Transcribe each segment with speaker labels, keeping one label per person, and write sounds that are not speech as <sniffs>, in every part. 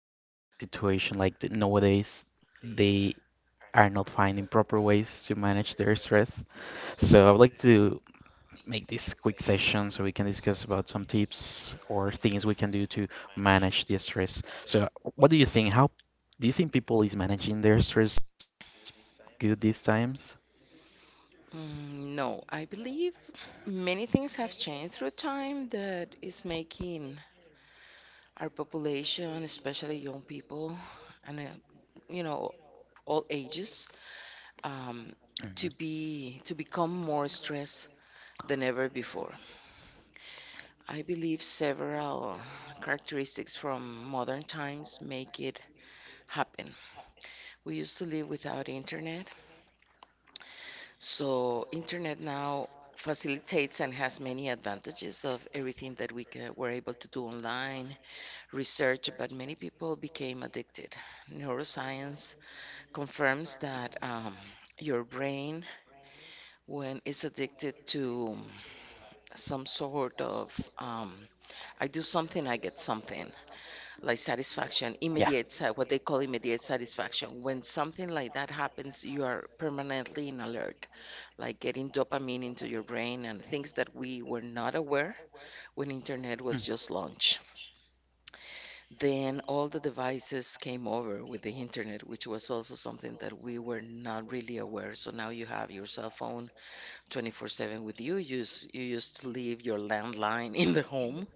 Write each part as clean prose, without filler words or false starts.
Speaker 1: in this kind of situation, like nowadays they are not finding proper ways to manage their stress. So I would like to make this quick session so we can discuss about some tips or things we can do to manage the stress. So, what do you think? How do you think people is managing their stress good these times?
Speaker 2: No, I believe many things have changed through time that is making our population, especially young people and you know all ages, um,
Speaker 1: Mhm.
Speaker 2: to become more stressed than ever before. I believe several characteristics from modern times make it happen. We used to live without internet. So internet now facilitates and has many advantages of everything that we ca were able to do online, research, but many people became addicted. Neuroscience confirms that your brain, when it's addicted to some sort of I do something, I get something, like
Speaker 1: Yeah.
Speaker 2: satisfaction, immediate, what they call immediate satisfaction. When something like that happens, you are permanently in alert, like getting dopamine into your brain, and things that we were not aware when internet was just launched. Then all the devices came over with the internet, which was also something that we were not really aware. So now you have your cell phone 24/7 with you. You used to leave your landline in the home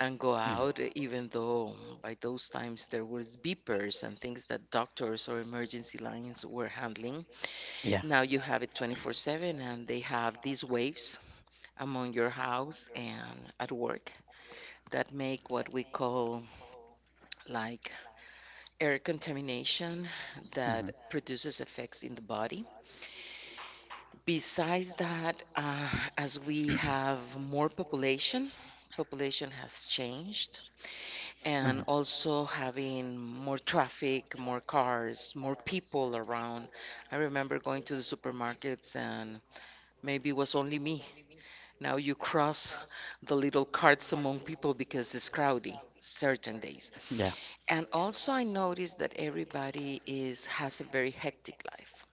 Speaker 2: and go out,
Speaker 1: Mm.
Speaker 2: even
Speaker 1: Mhm.
Speaker 2: though by those times there was beepers and things that doctors or emergency lines were handling.
Speaker 1: Yeah.
Speaker 2: Now you have it 24/7, and they have these waves among your house and at work that make what we call like air contamination
Speaker 1: Mhm.
Speaker 2: that produces effects in the body. Besides that, as we have more population, population has changed, and also having more traffic, more cars, more
Speaker 1: Mhm.
Speaker 2: people around. I remember going to the supermarkets, and maybe it was only me. Now you cross the little carts among people because it's crowdy certain days.
Speaker 1: Yeah.
Speaker 2: And also I noticed that everybody is has a very hectic life.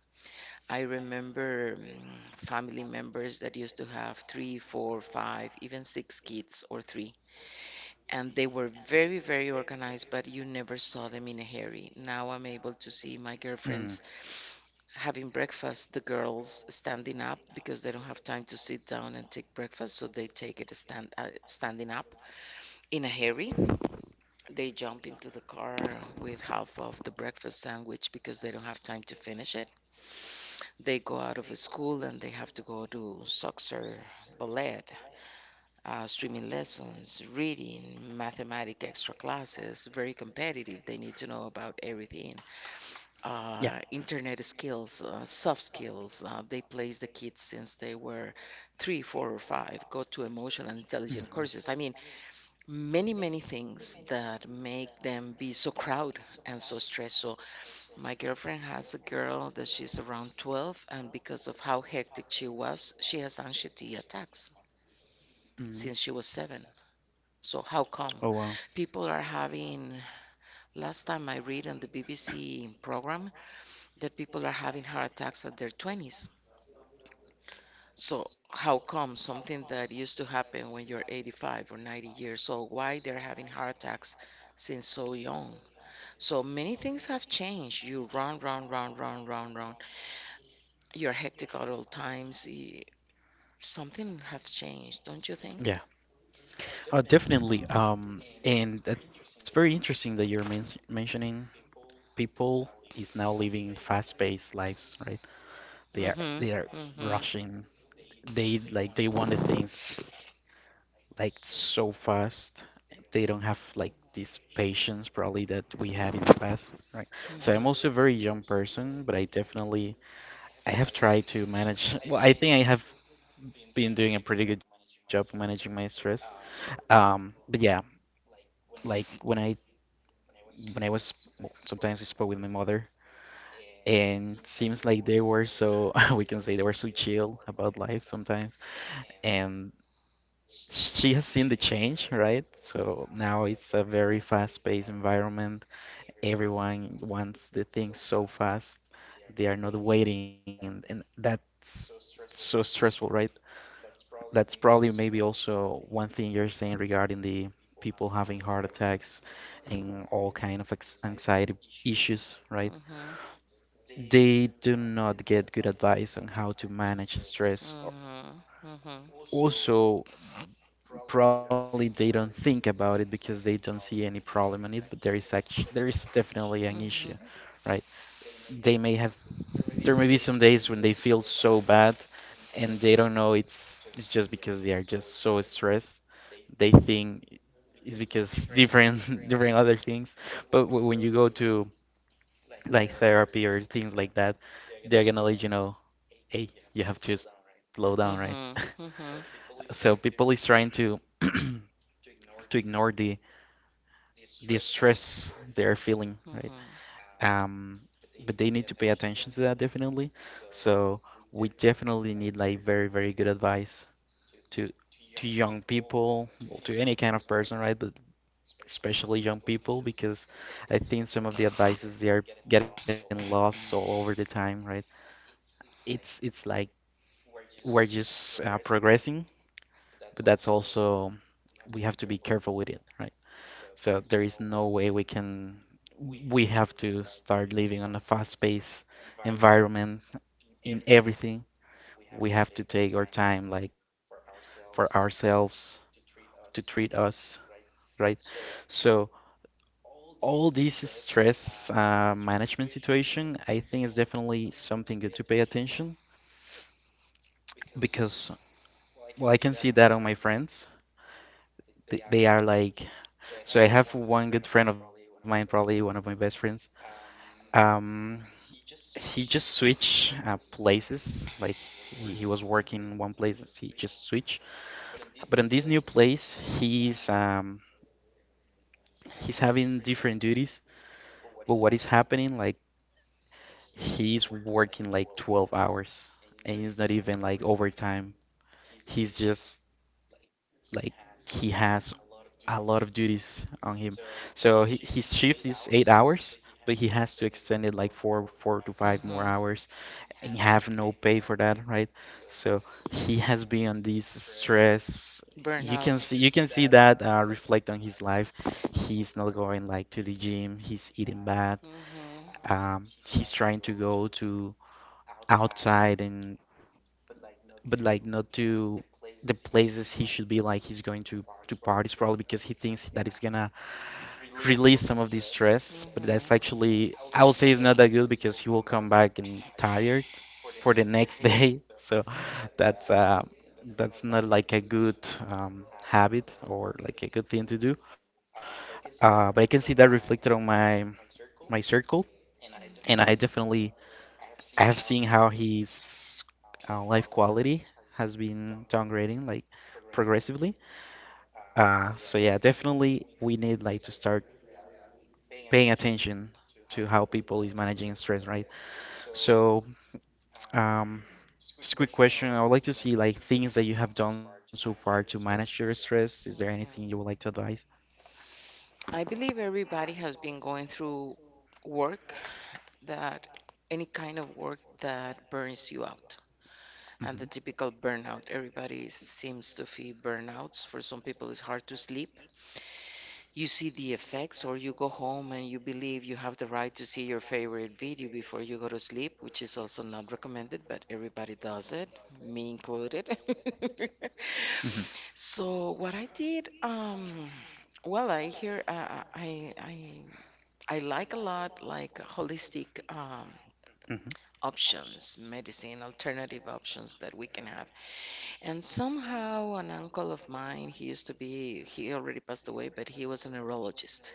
Speaker 2: I remember family members that used to have three, four, five, even six kids or three, and they were very very organized, but you never saw them in a hurry. Now I'm able to see my girlfriends having breakfast, the girls standing up because they don't have time to sit down and take breakfast, so they take it standing up in a hurry. They jump into the car with half of the breakfast sandwich because they don't have time to finish it. They go out of school and they have to go to soccer, ballet, swimming lessons, reading, mathematic extra classes, very competitive. They need to know about everything. Internet skills, soft skills. They place the kids since they were three, four, or five. Go to emotional intelligence
Speaker 1: Hmm.
Speaker 2: courses. I mean, many, many things that make them be so crowded and so stressed. So my girlfriend has a girl that she's around 12, and because of how hectic she was, she has anxiety attacks
Speaker 1: Hmm.
Speaker 2: since she was seven. So how come
Speaker 1: Wow.
Speaker 2: people are having, last time I read on the BBC program that people are having heart attacks at their 20s. So how come something that used to happen when you're 85 or 90 years old, why they're having heart attacks since so young? So many things have changed. You run, run, run, run, run, run. You're hectic at all times. Something has changed, don't you think?
Speaker 1: Think? Definitely. And that's very interesting that you're mentioning people is now living fast-paced lives, right? They are,
Speaker 2: Mm-hmm.
Speaker 1: mm-hmm,
Speaker 2: Mm-hmm.
Speaker 1: rushing. They, like, they want the things like so fast. They don't have, like, this patience probably that we had in the past, right? So I'm also a very
Speaker 2: Mm-hmm.
Speaker 1: young person, but I definitely, I have tried to manage. <laughs> Well, I think I have been doing a pretty good job of managing my stress. But yeah, like when I was, well, sometimes I spoke with my mother, and seems like they were so <laughs> we can say they were so chill about life sometimes, and she has seen the change, right? So now it's a very fast-paced environment. Everyone wants the things so fast. They are not waiting, and that's so stressful, right? That's probably maybe also one thing you're saying regarding the people having heart attacks and all kind of ex anxiety issues, right?
Speaker 2: Mm-hmm.
Speaker 1: They do not get good advice on how to manage stress.
Speaker 2: Mhm. Mhm.
Speaker 1: Also, probably they don't think about it because they don't see any problem on it, but there is actually, there is definitely an issue,
Speaker 2: Mhm. Right?
Speaker 1: right? They may have There may be some days when they feel so bad, and they don't know, it's just because they are just so stressed. They think it's because different <laughs> different other things, but when you go to like therapy or things like that, they're gonna let you know, hey, you have to slow down, right?
Speaker 2: Mhm.
Speaker 1: So people is trying to ignore the stress they're feeling, right?
Speaker 2: Mhm.
Speaker 1: Um, but they need to pay attention to that definitely. So we definitely need like very, very good advice to to young people, well, to any kind of person, right? But especially young people because I think some of the advices they are getting lost all over the time, right? It's like we're just progressing, but that's also, we have to be careful with it, right? So there is no way we have to start living on a fast-paced environment in everything. We have to take our time, like for ourselves, to treat us, right? So all this stress management situation, I think is definitely something good to pay attention because, well, I can see that on my friends. They are like So I have one good friend of mine, probably one of my best friends. Um, he just switched places. Like he was working in one place, and he just switched. But in this new place, he's having different duties. But what is happening? Like he's working like 12 hours, and it's not even like overtime. He's just, like, he has a lot of duties on him. So his shift is 8 hours, but he has to extend it like four, four to five more hours and have no pay for that, right? So he has been on this stress.
Speaker 2: You can
Speaker 1: You can see you
Speaker 2: see.
Speaker 1: can
Speaker 2: Burnout.
Speaker 1: see that reflect on his life. He's not going like to the gym. He's eating bad.
Speaker 2: Mhm.
Speaker 1: He's trying to go to outside, and but like not to the places he should be, like he's going to parties probably because he thinks that it's gonna release some of the stress, but that's actually, I would say it's not that good because he will come back and tired for the next day. <laughs> So that's uh that's not like a good habit or like a good thing to do. But I can see that reflected on my circle, and I definitely, I have seen how his life quality has been downgrading, like, progressively. So yeah, definitely we need like to start paying attention to how people is managing stress, right? So um, just a quick question. I would like to see like things that you have done so far to manage your stress. Is there anything you would like to advise?
Speaker 2: I believe everybody has been going through work, that any kind of work that burns you out, and the typical burnout. Everybody seems to feel burnouts. For some people it's hard to sleep, you see the effects, or you go home and you believe you have the right to see your favorite video before you go to sleep, which is also not recommended, but everybody does it, me included.
Speaker 1: Hmm.
Speaker 2: <laughs> So what I did, well I hear I like a lot like holistic
Speaker 1: Hmm.
Speaker 2: options, medicine, alternative options that we can have. And somehow, an uncle of mine, he used to be, he already passed away, but he was a neurologist.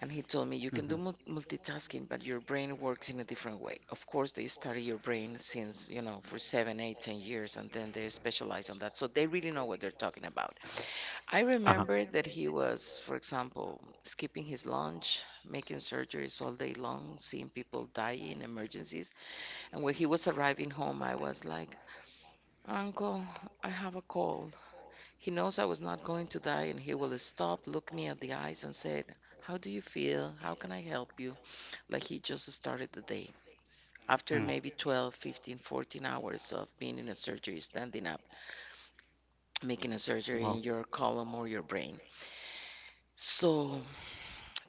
Speaker 2: And he told me, you can do multitasking, but your brain works in a different way. Of course, they study your brain since, you know, for seven, eight, 10 years, and then they specialize on that. So they really know what they're talking about. I remember that he was, for example, skipping his lunch, making surgeries all day long, seeing people die in emergencies, and when he was arriving home, I was like, Uncle, I have a cold. He knows I was not going to die, and he will stop, look me at the eyes, and said, How do you feel? How can I help you? Like he just started the day. After maybe 12, 15, 14 hours of being in a surgery, standing up, making a surgery in your column or your brain. So,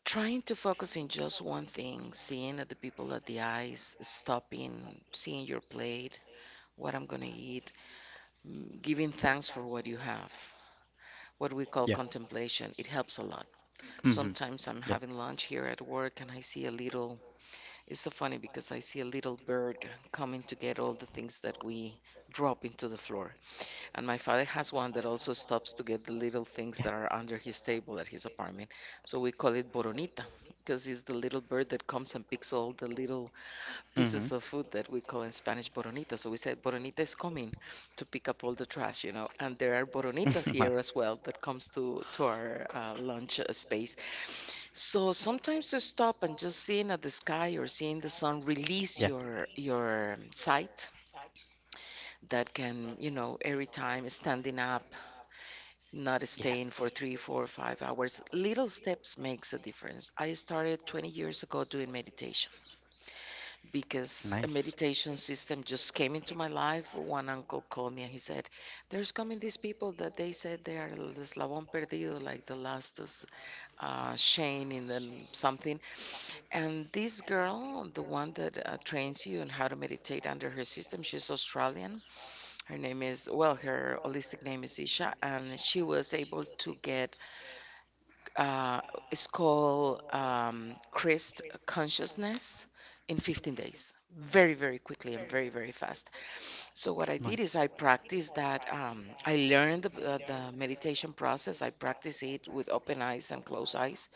Speaker 2: trying to focus in just one thing, seeing at the people at the eyes, stopping, seeing your plate, what I'm going to eat, Giving thanks for what you have, what we call contemplation, it helps a lot.
Speaker 1: Yeah. Hmm.
Speaker 2: Sometimes
Speaker 1: <laughs>
Speaker 2: I'm having lunch here at work and I see a little, it's so funny because I see a little bird coming to get all the things that we drop into the floor. And my father has one that also stops to get the little things that are under his table at his apartment. So we call it Boronita because it's the little bird that comes and picks all the little pieces of food that we call in Spanish boronita. So we said boronita is coming to pick up all the trash, you know. And there are boronitas here as well that comes to our lunch space. So sometimes to stop and just seeing at the sky or seeing the sun release your sight that can, you know, every time standing up, not staying for three, four, 5 hours, little steps makes a difference. I started 20 years ago doing meditation because a
Speaker 1: Nice.
Speaker 2: meditation system just came into my life. One uncle called me and he said, There's coming these people that they said they are el eslabón perdido, like the last chain in the something. And this girl, the one that trains you on how to meditate under her system, she's Australian. Her name is, well, her holistic name is Isha, and she was able to get uh, it's called Christ Consciousness in 15 days, very, very quickly and very, very fast. So, what I did
Speaker 1: Nice.
Speaker 2: is I practiced that. I learned the meditation process, I practice it with open eyes and closed eyes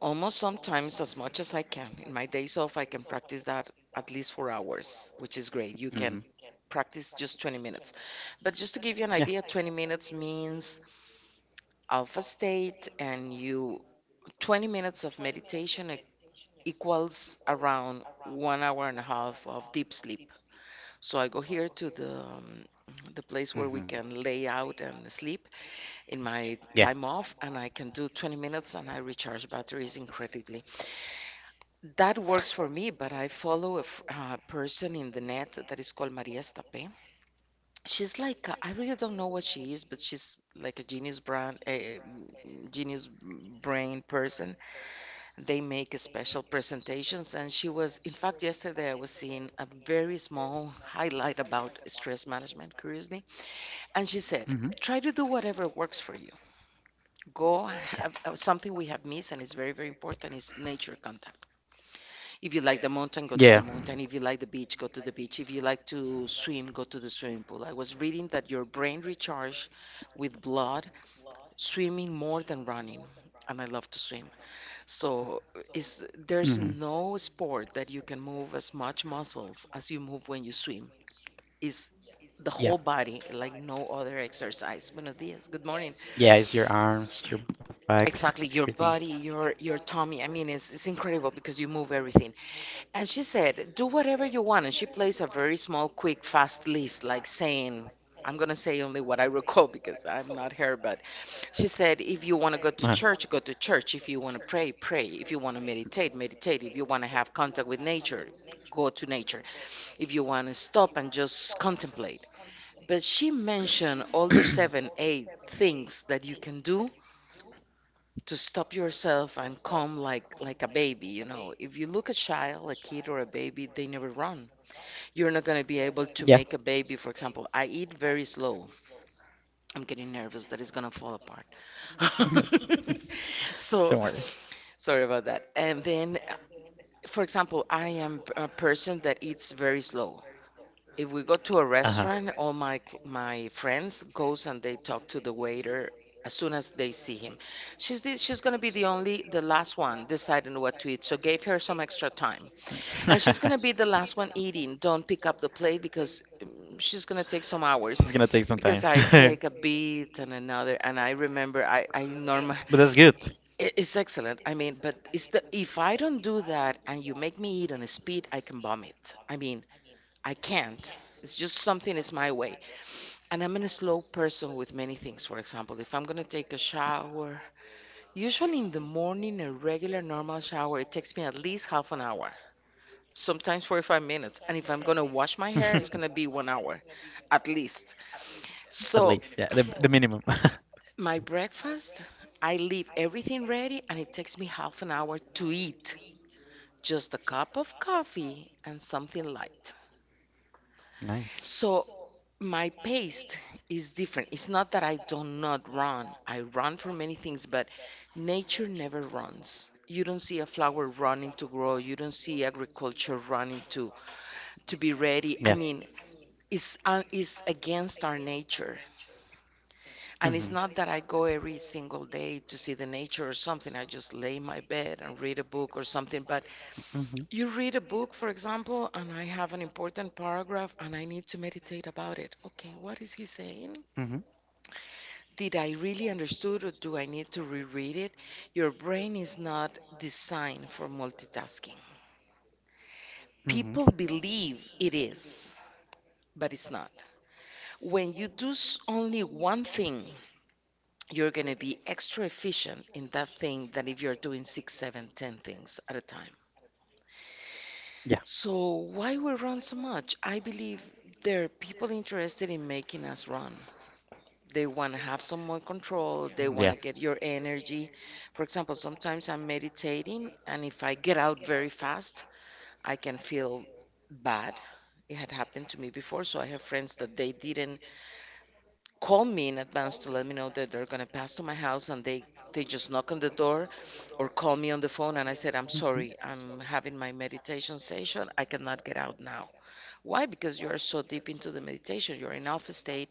Speaker 2: almost sometimes as much as I can. In my days off, I can practice that at least 4 hours, which is great. You can
Speaker 1: Mm-hmm.
Speaker 2: practice just 20 minutes. But just to give you an idea,
Speaker 1: Yeah.
Speaker 2: 20 minutes means alpha state and you 20 minutes of meditation equals around 1 hour and a half of deep sleep. So I go here to the place where we can lay out and sleep in my time off, and I can do 20 minutes and I recharge batteries incredibly. That works for me, but I follow a person in the net that is called Maria Stape. She's like, I really don't know what she is, but she's like a genius brand, a genius brain person. They make special presentations, and she was, in fact, yesterday I was seeing a very small highlight about stress management, curiously, and she said, Try
Speaker 1: Mm-hmm.
Speaker 2: to do whatever works for you. Go have something we have missed, and it's very, very important is nature contact. If you like the mountain,
Speaker 1: Yeah.
Speaker 2: go
Speaker 1: Mm-hmm.
Speaker 2: to
Speaker 1: Yeah.
Speaker 2: the
Speaker 1: Yeah.
Speaker 2: mountain. If you like the beach, go to the beach. If you like to swim, go to the swimming pool. I was reading that your brain recharges with blood swimming more than running, and I love to swim. So is there's
Speaker 1: Hmm.
Speaker 2: no sport that you can move as much muscles as you move when you swim. Is the
Speaker 1: Yeah.
Speaker 2: whole body like no other exercise. Buenos dias, good morning.
Speaker 1: Yeah, it's your arms, your back,
Speaker 2: Exactly,
Speaker 1: everything.
Speaker 2: your body, your tummy. I mean, it's incredible because you move everything. And she said, do whatever you want. And she plays a very small, quick, fast list, like saying, I'm gonna say only what I <laughs> recall because I'm not her, but She said, if you want to go
Speaker 1: Uh-huh.
Speaker 2: to church, go to church. If you want to pray, pray. If you want to meditate, meditate. If you want to have contact with nature, go to nature. If you want to stop and just contemplate. But she mentioned all the seven, eight things that you can do to stop yourself and calm like a baby, you know, if you look a child, a kid, or a baby, they never run. You're not going to be able to
Speaker 1: Yeah.
Speaker 2: make a baby.
Speaker 1: <laughs>
Speaker 2: For example, I eat very slow. I'm getting nervous that it's going to fall apart. <laughs> So,
Speaker 1: Don't worry.
Speaker 2: sorry about that. And then, for example, I am a person that eats very slow. If we go to a
Speaker 1: Uh-huh.
Speaker 2: restaurant, all
Speaker 1: <laughs>
Speaker 2: my my friends goes and they talk to the waiter as soon as they see him. She's gonna be the only the last one deciding what to eat. So gave her some extra time. And she's gonna be the last one eating. Don't pick up the plate because she's gonna take some hours. Because
Speaker 1: <laughs>
Speaker 2: I take a bit and another, and I remember I normal.
Speaker 1: But that's good. <laughs>
Speaker 2: It's excellent. I mean, but it's the if I don't do that and you make me eat on a speed, I can vomit. I mean, I can't. It's just something is my way. And I'm a slow person with many things. For example, if I'm gonna take a shower, usually in the morning, a regular normal shower, it takes me at least half an hour, sometimes 45 minutes. And if I'm gonna wash my hair, it's gonna be 1 hour at least.
Speaker 1: At
Speaker 2: So
Speaker 1: least, yeah, the minimum. <laughs>
Speaker 2: my breakfast, I leave everything ready and it takes me half an hour to eat. Just a cup of coffee and something light.
Speaker 1: Nice.
Speaker 2: So my pace is different. It's not that I don't not run. I run for many things, but nature never runs. You don't see a flower running to grow. You don't see agriculture running to be ready. I
Speaker 1: Yeah.
Speaker 2: mean, is against our nature. And it's
Speaker 1: Mm-hmm.
Speaker 2: not that I go every single day to see the nature or something. I just lay in my bed and read a book or something. But
Speaker 1: Mm-hmm.
Speaker 2: you
Speaker 1: Okay.
Speaker 2: read a book, for example, and I have an important paragraph and I need to meditate about it. Okay, what is he saying?
Speaker 1: Mm-hmm.
Speaker 2: Did I really understood or do I need to reread it? Your brain is not designed for multitasking. People
Speaker 1: Mm-hmm.
Speaker 2: believe it is, but it's not. When you do only one thing, you're going to be extra efficient in that thing than if you're doing six, seven, ten things at a time.
Speaker 1: Yeah.
Speaker 2: So, why we run so much? I believe there are people interested in making us run. They want to have some more control, they want to
Speaker 1: Yeah.
Speaker 2: get your energy. For example, sometimes I'm meditating, and if I get out very fast, I can feel bad. It had happened to me before, so I have friends that they didn't call me in advance to let me know that they're going to pass to my house, and they just knock on the door or call me on the phone, and I said, I'm
Speaker 1: Hmm.
Speaker 2: sorry, I'm having my meditation session, I cannot get out now. Why? Because you are so deep into the meditation, you're in alpha state,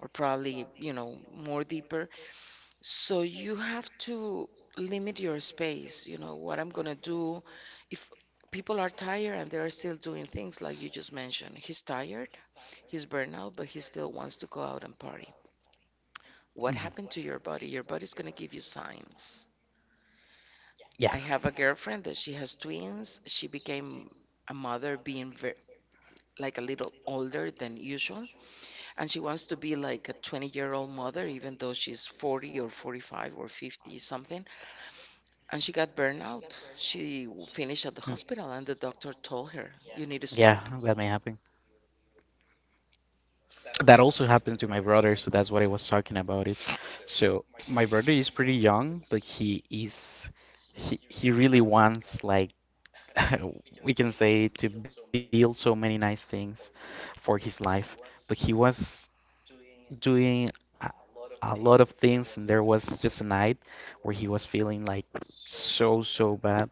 Speaker 2: or probably, you know, more deeper. So you have to limit your space. You know what I'm going to do? If people are tired and they're still doing things like you just mentioned, he's tired, he's burnout, but he still wants to go out and party. What
Speaker 1: Hmm.
Speaker 2: happened to your body? Your body's going to give you signs.
Speaker 1: Yeah.
Speaker 2: I have a girlfriend that she has twins. She became a mother being very, like a little older than usual, and she wants to be like a 20-year-old mother even though she's 40 or 45 or 50 something, and she got burnout. She
Speaker 1: Mm.
Speaker 2: finished at the hospital and the doctor told her, yeah, "You need to
Speaker 1: Yeah,
Speaker 2: stop."
Speaker 1: that may happen. That also happened to my brother, so that's what I was talking about it. So my brother is pretty young, but he is he really wants like <laughs> we can say to build so many nice things for his life. But he was doing a, a lot of things, and there was just a night where he was feeling like so, so bad.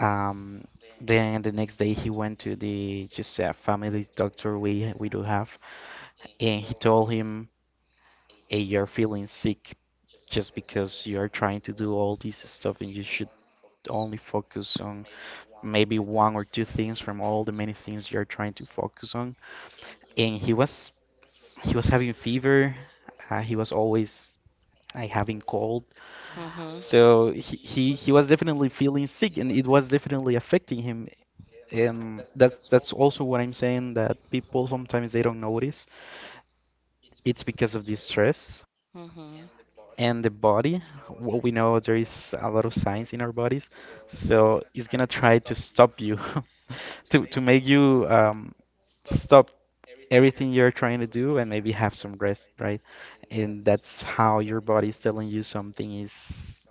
Speaker 1: Um, then the next day he went to the just a family doctor we do have, and he told him, "Hey, you're feeling sick." Just because you are trying to do all this stuff and you should only focus on maybe one or two things from all the many things you're trying to focus on. And he was having fever. He was always I having cold. So he was definitely feeling sick, and it was definitely affecting him. And that's also what I'm saying that people sometimes they don't notice. It's because of the stress
Speaker 2: Hmm. Hmm.
Speaker 1: and the body. What we know, there is a lot of signs in our bodies, so it's gonna try to stop you, <laughs> to make you stop everything you're trying to do and maybe have some rest, right? And that's how your body's telling you something is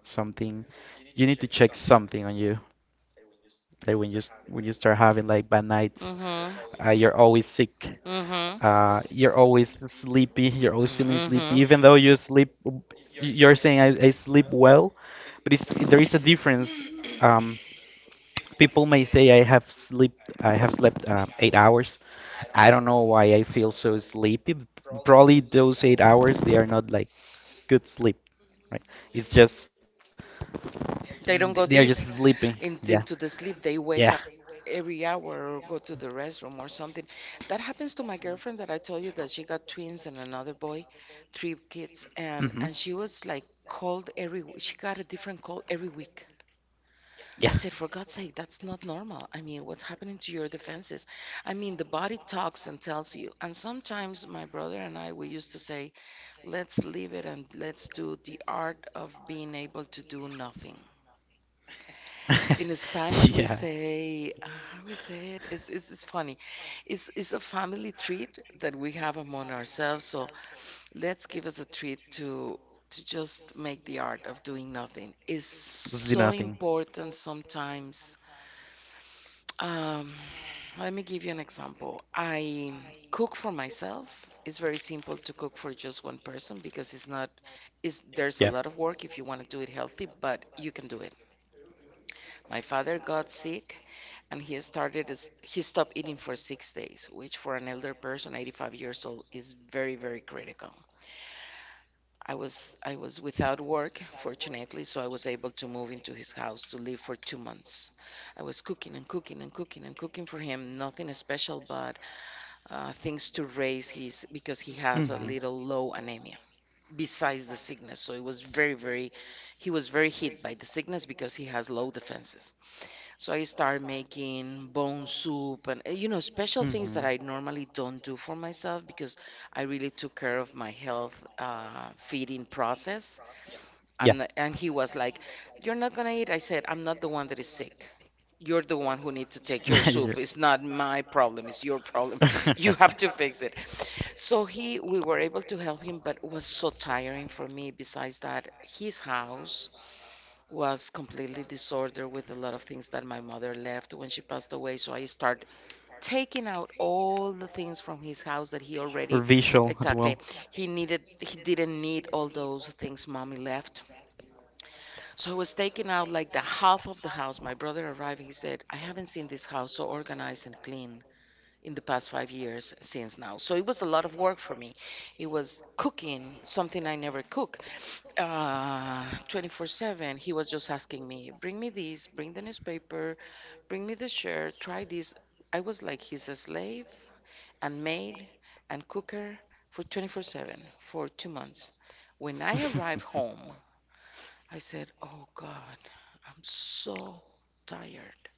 Speaker 1: something you need to check something on you. Like when when you start having like bad nights,
Speaker 2: Hmm.
Speaker 1: you're always sick.
Speaker 2: Mm-hmm.
Speaker 1: You're always sleepy. You're always feeling sleepy,
Speaker 2: Mm-hmm.
Speaker 1: even though you sleep. You're saying I sleep well, but there is a difference. Um, People may say I have slept. 8 hours. I don't know why I feel so sleepy. Probably those 8 hours, they are not like good sleep, right? It's just they
Speaker 2: They
Speaker 1: are
Speaker 2: don't
Speaker 1: just
Speaker 2: go deep
Speaker 1: sleeping. Yeah,
Speaker 2: into the sleep. They
Speaker 1: yeah,
Speaker 2: wake up every hour or go to the restroom or something. That happens to my girlfriend that I told you that she got twins and another boy, three kids,
Speaker 1: hmm,
Speaker 2: and she was like called every she got a different call every week. I
Speaker 1: yeah,
Speaker 2: said, for God's sake, that's not normal. I mean, what's happening to your defenses? I mean, the body talks and tells you. And sometimes my brother and I, we used to say, let's leave it and let's do the art of being able to do nothing. In
Speaker 1: <laughs> yeah.
Speaker 2: Spanish, we say, how we say it? It's funny. It's a family treat that we have among ourselves. So let's give us a treat to just make the art of doing nothing. It's
Speaker 1: Let's do
Speaker 2: so
Speaker 1: nothing.
Speaker 2: important sometimes. Um, Let me give you an example. I cook for myself. It's very simple to cook for just one person because it's not, there's a
Speaker 1: Yeah.
Speaker 2: lot of work if you want to do it healthy, but you can do it. My father got sick and he started, he stopped eating for 6 days, which for an elder person, 85 years old, is very, very critical. I was without work, fortunately, so I was able to move into his house to live for 2 months. I was cooking and cooking and cooking and cooking for him, nothing special, but things to raise his, because he has a
Speaker 1: Hmm.
Speaker 2: little low anemia besides the sickness, so it was very, very, he was very hit by the sickness because he has low defenses. So I started making bone soup and, you know, special things that I normally don't do for myself, because I really took care of my health, feeding process.
Speaker 1: Yeah.
Speaker 2: I'm not, and he was like, you're not gonna eat. I said, I'm not the one that is sick. You're the one who needs to
Speaker 1: <laughs>
Speaker 2: take your soup. It's not
Speaker 1: <laughs>
Speaker 2: my problem, it's your problem. <laughs>
Speaker 1: The
Speaker 2: You
Speaker 1: one.
Speaker 2: have
Speaker 1: <laughs>
Speaker 2: to fix it. So he we were able to help him, but it was so tiring for me. Besides that, his house was completely disordered with a lot of things that my mother left when she passed away. So I start taking out all the things from his house that he already.
Speaker 1: As well.
Speaker 2: Exactly.
Speaker 1: <laughs>
Speaker 2: He didn't need all those things mommy left. So I was taking out like the half of the house. My brother arrived, he said, I haven't seen this house so organized and clean in the past 5 years since now. So it was a lot of work for me. It was cooking, something I never cook, 24/7. He was just asking me, bring me this, bring the newspaper, bring me the shirt, try this. I was like, he's a slave and maid and cooker for 24/7 for 2 months. When I arrived home, I said, Oh God, I'm so tired.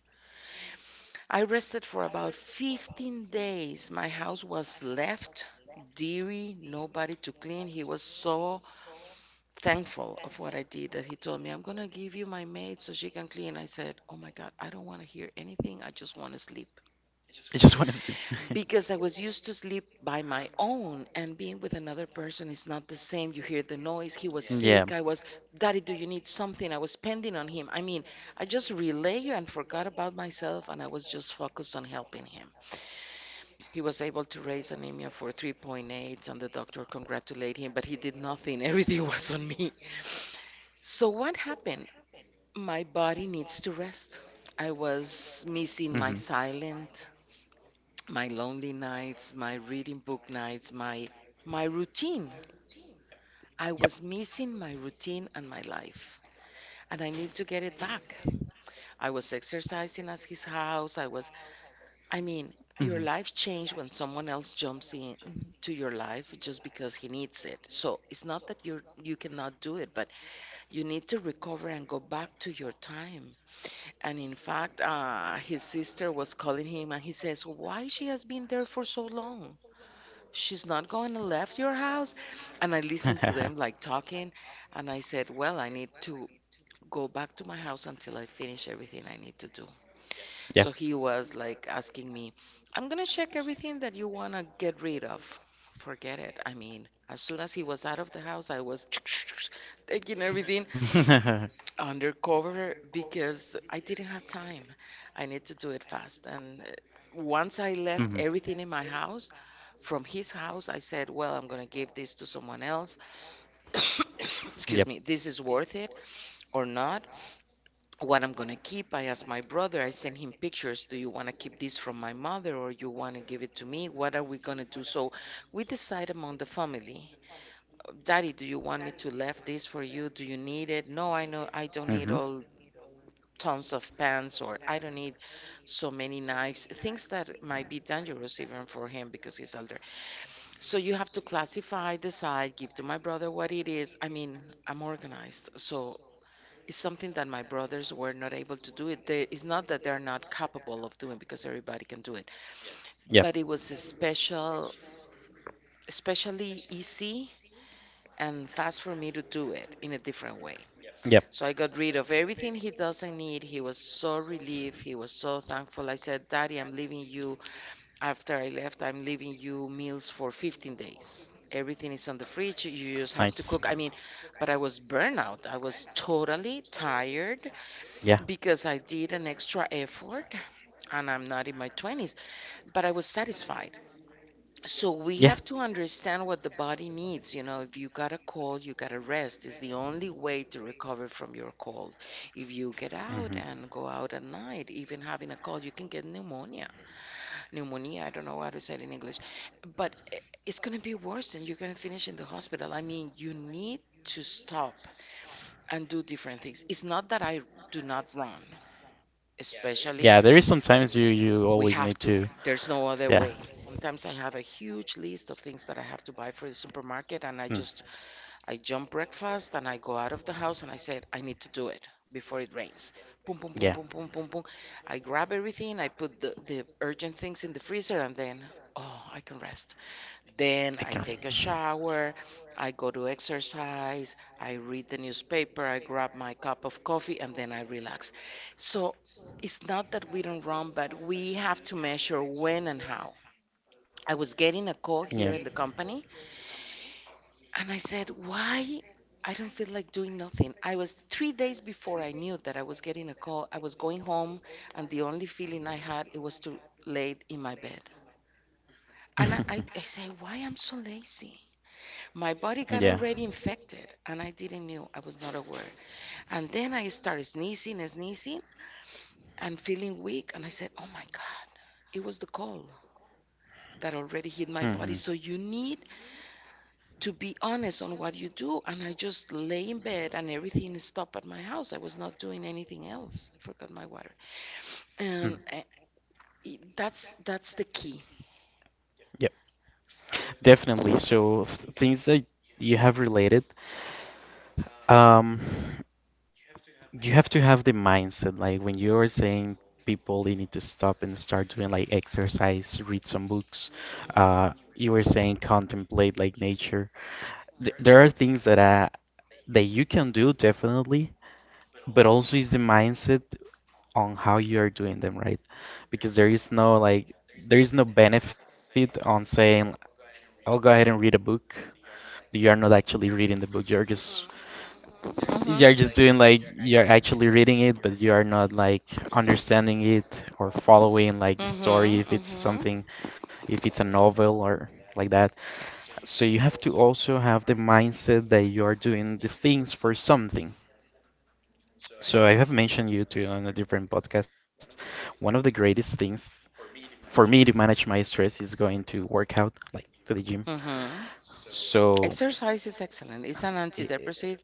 Speaker 2: I rested for about 15 days. My house was left dirty, nobody to clean. He was so thankful of what I did that he told me, I'm going to give you my maid so she can clean. I said, Oh my God, I don't want to hear anything. I just want to sleep.
Speaker 1: <laughs> I just want to sleep. <laughs>
Speaker 2: Because I was used to sleep by my own, and being with another person is not the same. You hear the noise. He was. Yeah. Sick. Daddy, do you need something? I was pending on him. I mean, I just relay and forgot about myself, and I was just focused on helping him. He was able to raise anemia for 3.8 and the doctor congratulated him, but he did nothing. <laughs> Everything was on me. So what happened? My body needs to rest. I was missing my silent, my lonely nights, my reading book nights, my routine.
Speaker 1: Yep.
Speaker 2: I was missing my routine and my life, and I need to get it back. I was exercising at his house. I mean,
Speaker 1: Hmm.
Speaker 2: your life changes when someone else jumps in to your life just because he needs it. So it's not that you cannot do it, but you need to recover and go back to your time. And in fact, his sister was calling him, and he says, "Why she has been there for so long? She's not going to left your house." And I listened
Speaker 1: <laughs>
Speaker 2: to them like talking, and I said, well, I need to go back to my house until I finish everything I need to do.
Speaker 1: Yep.
Speaker 2: So he was like asking me, I'm going to check everything that you want to get rid of. Forget it. I mean, as soon as he was out of the house, I was <laughs> taking everything <laughs>
Speaker 1: <laughs>
Speaker 2: undercover, because I didn't have time. I need to do it fast. And once I
Speaker 1: Hmm.
Speaker 2: left everything in my house from his house, I said, well, I'm going to give this to someone else. <coughs>
Speaker 1: Yep.
Speaker 2: Excuse me, this is worth it or not. What I'm going to keep, I asked my brother, I sent him pictures. Do you want to keep this from my mother or you want to give it to me? What are we going to do? So we decide among the family. Daddy, do you want me to left this for you? Do you need it? No, I know I
Speaker 1: Hmm.
Speaker 2: don't need all tons of pants or I don't need so many knives. Things that might be dangerous even for him because he's so you have to classify, decide, give to my brother what it is. I mean, I'm organized. So it's something that my brothers were not able to do it. It's not that they're not capable of doing because everybody can do it.
Speaker 1: Yep.
Speaker 2: But it was a special, especially easy and fast for me to do it in a different way.
Speaker 1: Yep.
Speaker 2: So I got rid of everything he doesn't need. He was so relieved. He was so thankful. I said, Daddy, I'm leaving you. After I left, I'm leaving you meals for 15 days. Everything is on the fridge. You
Speaker 1: Nice.
Speaker 2: just have to cook. I mean, but I was burnout. I was totally tired
Speaker 1: Yeah.
Speaker 2: because I did an extra effort and I'm not in my 20s, but I was satisfied. So we have to understand what the body needs. You know, if you got a cold, you got to rest. It's the only way to recover from your cold. If you get
Speaker 1: Mhm.
Speaker 2: out and go out at night, even having a cold, you can get pneumonia. I don't know how to say it in English, but it's going to be worse and you're going to finish in the hospital. I mean, you need to stop and do different things. It's not that I do not run,
Speaker 1: Yeah, there
Speaker 2: especially
Speaker 1: is sometimes you always
Speaker 2: we
Speaker 1: need
Speaker 2: have
Speaker 1: to.
Speaker 2: to. There's no
Speaker 1: Yeah.
Speaker 2: other way. Sometimes I have a huge list of things that I have to buy for the supermarket and I
Speaker 1: Mm.
Speaker 2: just I jump breakfast and I go out of the house and I said, I need to do it before it rains.
Speaker 1: Yeah,
Speaker 2: Boom, boom, boom, boom, boom, boom, boom. I grab everything, I put the urgent things in the freezer, and then, oh, I can rest.
Speaker 1: I can.
Speaker 2: Then I take a shower,
Speaker 1: <laughs>
Speaker 2: I go to exercise, I read the newspaper, I grab my cup of coffee, and then I relax. So it's not that we don't run, but we have to measure when and how. I was
Speaker 1: Yeah.
Speaker 2: getting a call here in the company and I said, why? I don't feel like doing nothing. I was 3 days before I knew that I was getting a call. I was going home, and the only feeling I had it was to lay in my bed. And I,
Speaker 1: <laughs>
Speaker 2: I, I say, why I'm so lazy? My body got
Speaker 1: Yeah.
Speaker 2: already infected, and I didn't knew. I was not aware. And then I started sneezing and sneezing and feeling weak. And I said, oh my God, it was the cold that already hit my
Speaker 1: Hmm.
Speaker 2: body. So you need to be honest on what you do. And I just lay in bed and everything stopped at my house. I was not doing anything else. I forgot my water.
Speaker 1: Mm.
Speaker 2: And that's the key.
Speaker 1: Yep, definitely. So things that you have related, um, you have to have the mindset. Like when you're saying people, they need to stop and start doing like exercise, read some books. You were saying contemplate like nature. Th There are things that you can do definitely, but also is the mindset on how you are doing them, right? Because there is no benefit on saying, I'll go ahead and read a book. But you are not actually reading the book. You're just
Speaker 2: Mm-hmm.
Speaker 1: you're
Speaker 2: Hmm.
Speaker 1: just doing like you're actually reading it, but you are not, like, understanding it or following like the story,
Speaker 2: Mm-hmm,
Speaker 1: if it's a novel or like that. So you have to also have the mindset that you are doing the things for something. So I have mentioned you to on a different podcast. One of the greatest things for me to manage my stress is going to work out, like to the gym.
Speaker 2: mm-hmm, mm-hmm.
Speaker 1: So,
Speaker 2: Exercise is excellent. It's an
Speaker 1: it, it,
Speaker 2: antidepressive.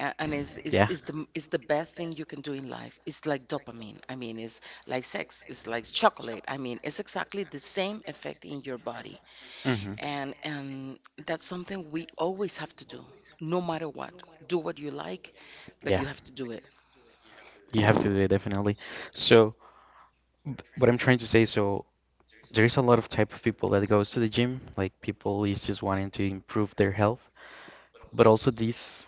Speaker 2: And is is
Speaker 1: yeah,
Speaker 2: is the is the best thing you can do in life. It's like dopamine. I mean, it's like sex. It's like chocolate. I mean, it's exactly the same effect in your body.
Speaker 1: hmm,
Speaker 2: And that's something we always have to do, no matter what. Do what you like,
Speaker 1: yeah,
Speaker 2: but you have to do it.
Speaker 1: you have to do it definitely. So, what I'm trying to say, so there is a lot of type of people that goes to the gym, like people is just wanting to improve their health, but also this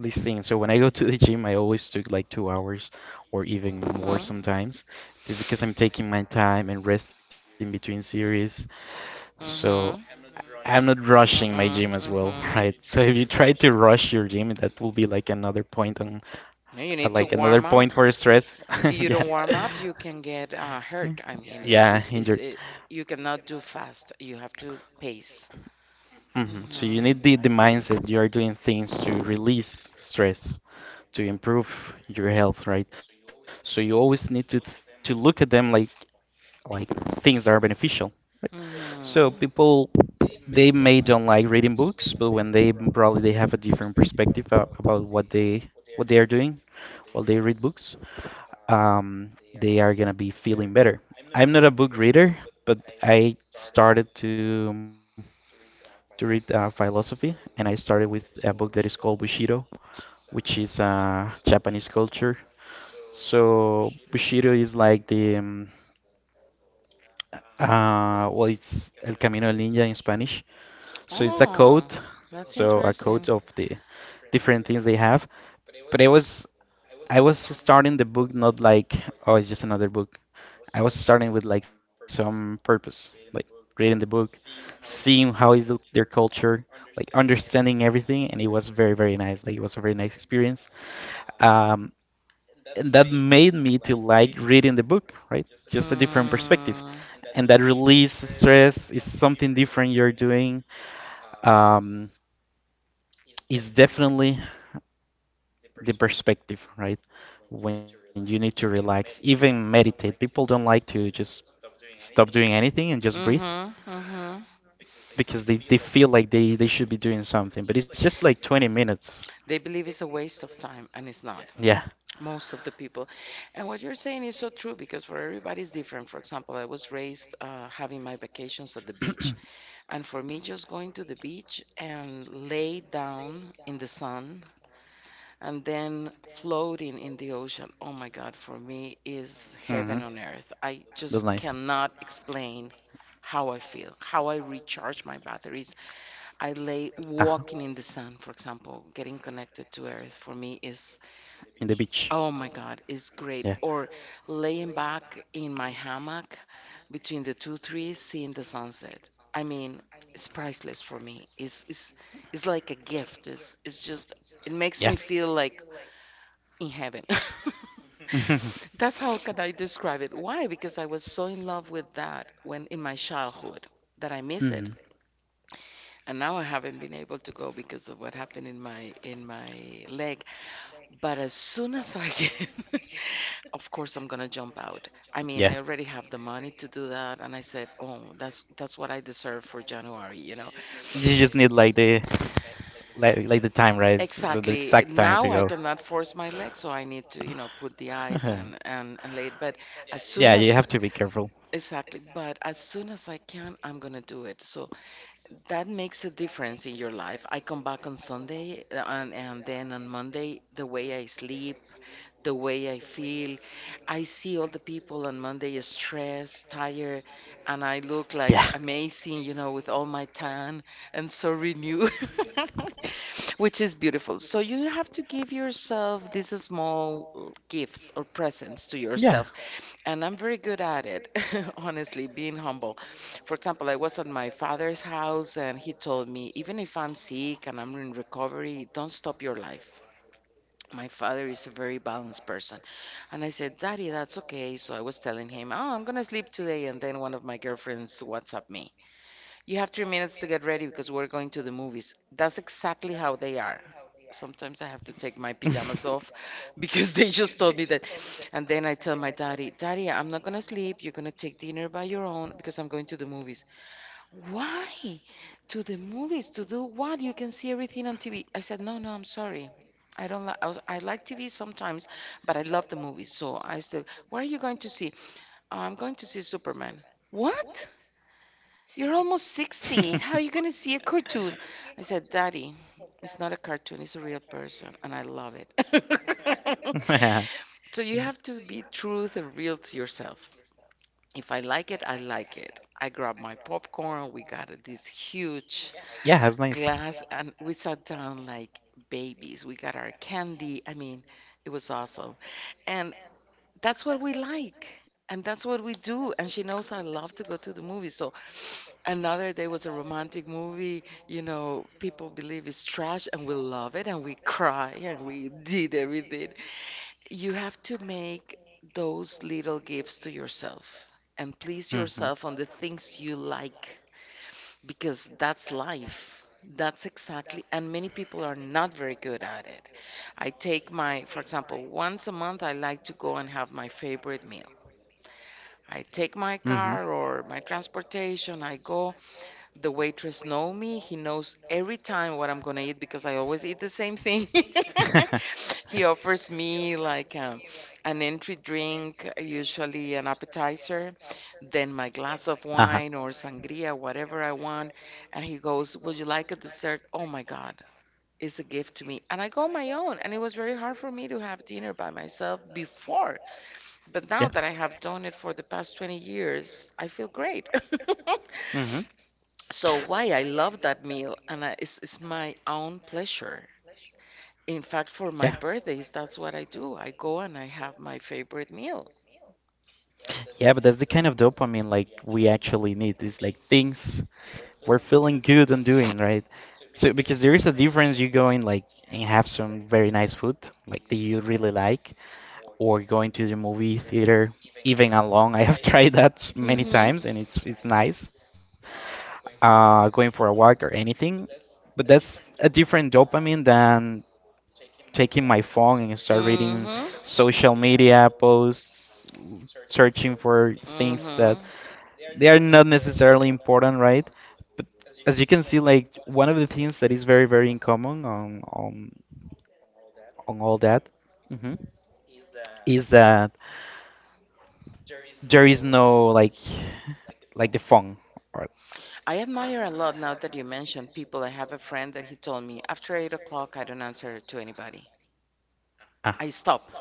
Speaker 1: these things. So when I go to the gym, I always took like 2 hours or even more
Speaker 2: Mhm.
Speaker 1: sometimes, just because I'm taking my time and resting between series. So
Speaker 2: Mhm.
Speaker 1: I'm not rushing my gym as well, <laughs> right?
Speaker 2: Mm-mm.
Speaker 1: So if you try to rush your gym, that will be
Speaker 2: Mhm. No, you need to
Speaker 1: like another
Speaker 2: warm up.
Speaker 1: point for stress.
Speaker 2: <laughs>
Speaker 1: <laughs>
Speaker 2: you
Speaker 1: Yeah.
Speaker 2: don't warm up, you can get hurt. I mean,
Speaker 1: Yeah, injured.
Speaker 2: you cannot do fast. You have to pace.
Speaker 1: Hmm. So you need the
Speaker 2: Hmm.
Speaker 1: mindset. You are doing things to release stress, to improve your health, right? So you always need to look at them like things that are beneficial. So
Speaker 2: Hmm.
Speaker 1: people, they may don't like reading books, but when they probably they have a different perspective about what they are doing while they read books, they are gonna be feeling better. I'm not a book reader, but I started to read philosophy, and I started with a book that is called Bushido, which is Japanese culture. So Bushido is like the well, it's El Camino del Ninja in Spanish. So it's a
Speaker 2: Oh,
Speaker 1: code,
Speaker 2: that's
Speaker 1: so a code
Speaker 2: interesting.
Speaker 1: of the different things they have. But I was starting the book not like, oh, it's just another book. I was starting with like some purpose, like reading the book, seeing how is their culture, like understanding everything, and it was very, very nice. Like it was a very nice experience. Um, and that made me to like reading the book, right? Just a different perspective, and that release stress is something different you're doing, um, is definitely the perspective, right? When you need to relax, even meditate, people don't like to just stop doing anything and just breathe,
Speaker 2: Mm. Hmm. Hmm.
Speaker 1: because they feel like they should be doing something, but it's just like 20 minutes.
Speaker 2: They believe it's a waste of time, and it's, yeah, not
Speaker 1: Yeah.
Speaker 2: most of the people. And what you're saying is so true because for everybody's different. For example, I was raised having my vacations at the beach, and for me, just going to the beach and lay down in the sun and then floating in the ocean. Oh my God, for me is heaven on earth. I
Speaker 1: That's
Speaker 2: just
Speaker 1: nice.
Speaker 2: cannot explain how I feel, how I recharge my batteries. I lay walking in the sun, for example, getting connected to earth for me is,
Speaker 1: In the beach.
Speaker 2: oh my God, it's great. Or laying back in my hammock between the two trees, seeing the sunset. I mean, it's priceless for me. It's it's like a gift. It's just it makes
Speaker 1: Yeah.
Speaker 2: me
Speaker 1: <laughs>
Speaker 2: feel like in heaven. <laughs>
Speaker 1: <laughs> Mm-hmm.
Speaker 2: That's how can I describe it. Why? Because I was so in love with that when in my childhood that I miss it. And now I haven't been able to go because of what happened in my leg, but as soon as I get, <laughs> of course, I'm gonna jump out. I
Speaker 1: It.
Speaker 2: mean, I already have the money to do that, and I said, "Oh, that's what I deserve for January," you know.
Speaker 1: You just need like the time, right? So the
Speaker 2: Exactly.
Speaker 1: exact time
Speaker 2: Now
Speaker 1: to
Speaker 2: I
Speaker 1: go.
Speaker 2: cannot force my leg, so I need to, you know, put the ice and
Speaker 1: <laughs>
Speaker 2: and lay it. But as soon
Speaker 1: Yeah, you
Speaker 2: as,
Speaker 1: have to be careful.
Speaker 2: exactly, but as soon as I can, I'm gonna do it. So that makes a difference in your life. I come back on Sunday and then on Monday, the way I sleep, the way I feel. I see all the people on Monday is stressed, tired, and I look
Speaker 1: Yeah.
Speaker 2: like amazing, you know, with all my tan and so renewed, <laughs> which is beautiful. So you have to give yourself these small gifts or presents to
Speaker 1: Yeah.
Speaker 2: yourself. And I'm very good at it, <laughs> honestly, being humble. For example, I was at my father's house and he told me, even if I'm sick and I'm in recovery, don't stop your life. My father is a very balanced person. And I said, Daddy, that's okay. So I was telling him, oh, I'm going to sleep today. And then one of my girlfriends WhatsApp me, you have 3 minutes to get ready because we're going to the movies. That's exactly how they are. Sometimes I have to take my pajamas off <laughs> because they just told me that. And then I tell my daddy, Daddy, I'm not going to sleep. You're going to take dinner by your own because I'm going to the movies. Why? To the movies to do what? You can see everything on TV. I said, no, no, I'm sorry. I don't like. I like TV sometimes, but I love the movies. So I still. What are you going to see? "Oh, I'm going to see Superman. What? You're almost 60. How are you going to see a cartoon? I said, Daddy, it's not a cartoon. It's a real person, and I love it. <laughs>
Speaker 1: <laughs> <laughs>
Speaker 2: So you have to be truth and real to yourself. If I like it, I like it. I grabbed my popcorn. We got this huge
Speaker 1: Yeah, that's nice.
Speaker 2: glass and we sat down like babies. We got our candy. I mean, it was awesome. And that's what we like. And that's what we do. And she knows I love to go to the movies. So <sniffs> another day was a romantic movie, you know, people believe it's trash and we love it and we cry and we did everything. You have to make those little gifts to yourself and please
Speaker 1: Mm-hmm.
Speaker 2: yourself on the things you like because that's life. That's exactly, and many people are not very good at it. I take my, for example, once a month, I like to go and have my favorite meal. I take my
Speaker 1: Mm-hmm.
Speaker 2: car or my transportation, I go, the waitress know me. He knows every time what I'm gonna eat because I always eat the same thing.
Speaker 1: <laughs>
Speaker 2: <laughs> He offers me like an entry drink, usually an appetizer, then my glass of
Speaker 1: Uh-huh.
Speaker 2: wine or sangria, whatever I want. And he goes, "Would you like a dessert?" Oh my God, it's a gift to me. And I go on my own. And it was very hard for me to have dinner by myself before. But now
Speaker 1: Yeah.
Speaker 2: that I have done it for the past 20 years, I feel great. <laughs>
Speaker 1: It's Mm-hmm.
Speaker 2: So why I love that meal and it's my own pleasure. In fact,
Speaker 1: Yeah.
Speaker 2: for my birthdays, that's what I do. I go and I have my favorite meal.
Speaker 1: Yeah, but that's the kind of dopamine like we actually need. It's like things we're feeling good on doing, right? So because there is a difference, you going like and have some very nice food, like that you really like, or going to the movie theater, even alone. I have <laughs> tried that many
Speaker 2: Mm-hmm.
Speaker 1: times, and it's nice. Going for a walk or anything, but that's a different dopamine than taking my phone and start
Speaker 2: Mm-hmm.
Speaker 1: reading social media posts, searching for things that
Speaker 2: Mm-hmm.
Speaker 1: they are not necessarily important, right? But as you can see, like one of the things that is very, very in common on all that, mhm, is that there is no like <sighs> like the phone or
Speaker 2: I admire a lot now that you mentioned people. I have a friend that he told me after 8 o'clock, I don't answer to anybody.
Speaker 1: ah.
Speaker 2: I stop.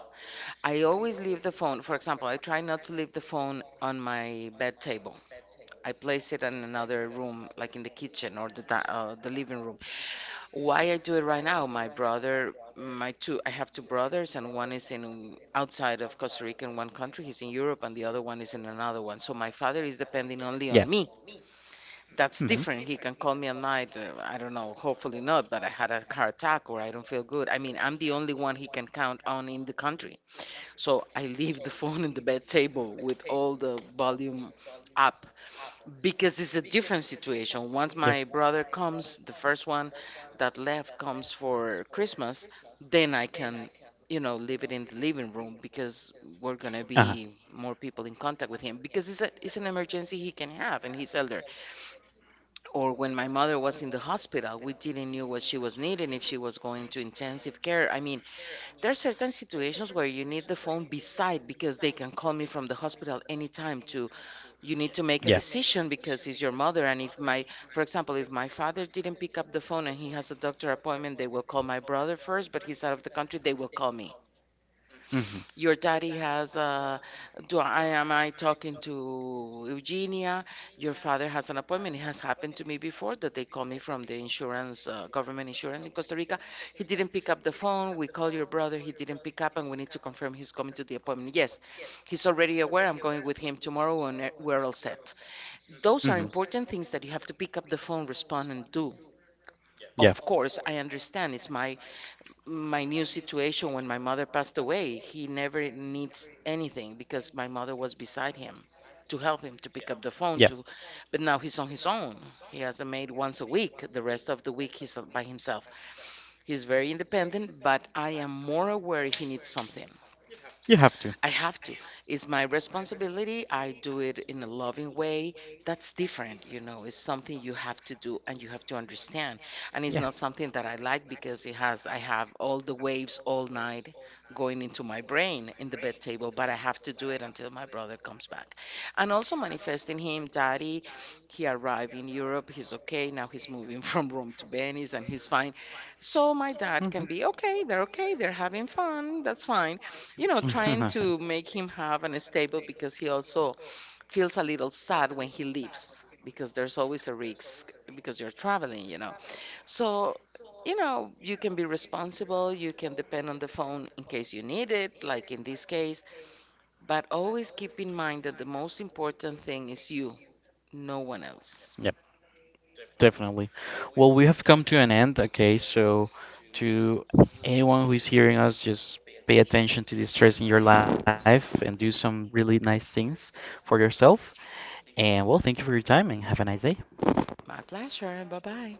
Speaker 2: I always leave the phone. For example, I try not to leave the phone on my bed table. I place it in another room, like in the kitchen or the the living room. Why I do it right now? My brother, I have two brothers, and one is in outside of Costa Rica in one country. He's in Europe, and the other one is in another one. So my father is depending only
Speaker 1: Yeah.
Speaker 2: on me. That's
Speaker 1: Mhm.
Speaker 2: different. He can call me at night. I don't know. Hopefully not. But I had a car attack, or I don't feel good. I mean, I'm the only one he can count on in the country. So I leave the <laughs> phone in the bed table with all the volume up because it's a different situation. Once my brother comes, the first one that left comes for Christmas, then I can, you know, leave it in the living room because we're gonna be more people in contact with him because it's an emergency he can have and he's elder. Or when my mother was in the hospital, we didn't knew what she was needing, if she was going to intensive care. I mean, there are certain situations where you need the phone beside because they can call me from the hospital anytime to you need to make a decision because it's your mother and if my, for example, if my father didn't pick up the phone and he has a doctor appointment they will call my brother first but he's out of the country they will call me
Speaker 1: Mhm.
Speaker 2: your daddy has a. Do I, am I talking to Eugenia? Your father has an appointment. It has happened to me before that they call me from the insurance, government insurance in Costa Rica. He didn't pick up the phone. We call your brother. He didn't pick up, and we need to confirm he's coming to the appointment. Yes, he's already aware. I'm going with him tomorrow, and we're all set. Those are
Speaker 1: Mhm.
Speaker 2: important things that you have to pick up the phone, respond, and do.
Speaker 1: Yeah.
Speaker 2: Of course, I understand. It's my new situation when my mother passed away, he never needs anything because my mother was beside him to help him to, yeah, pick up
Speaker 1: Yeah,
Speaker 2: the phone to, but now he's on his own. He has a maid once a week, the rest of the week he's by himself. He's very independent but I am more aware he needs something.
Speaker 1: you have to.
Speaker 2: I have to. It's my responsibility. I do it in a loving way. That's different, you know. It's something you have to do and you have to understand. And it's
Speaker 1: Yeah.
Speaker 2: not something that I like because it has, I have all the waves all night going into my brain in the bed table, but I have to do it until my brother comes back. And also manifesting him, daddy, he arrived in Europe. He's okay. Now he's moving <laughs> from Rome to Venice and he's fine. So my dad
Speaker 1: Mhm.
Speaker 2: can be okay. They're okay. They're having fun. That's fine, you know, trying to
Speaker 1: <laughs>
Speaker 2: make him have an stable because he also feels a little sad when he leaves because there's always a risk because you're traveling, you know. So, you know, you can be responsible, you can depend on the phone in case you need it, like in this case, but always keep in mind that the most important thing is you, no one else.
Speaker 1: Yep, definitely. Well, we have come to an end, okay? So, to anyone who is hearing us, just pay attention to the stress in your life and do some really nice things for yourself. And well, thank you for your time and have a nice day.
Speaker 2: My pleasure. Bye bye.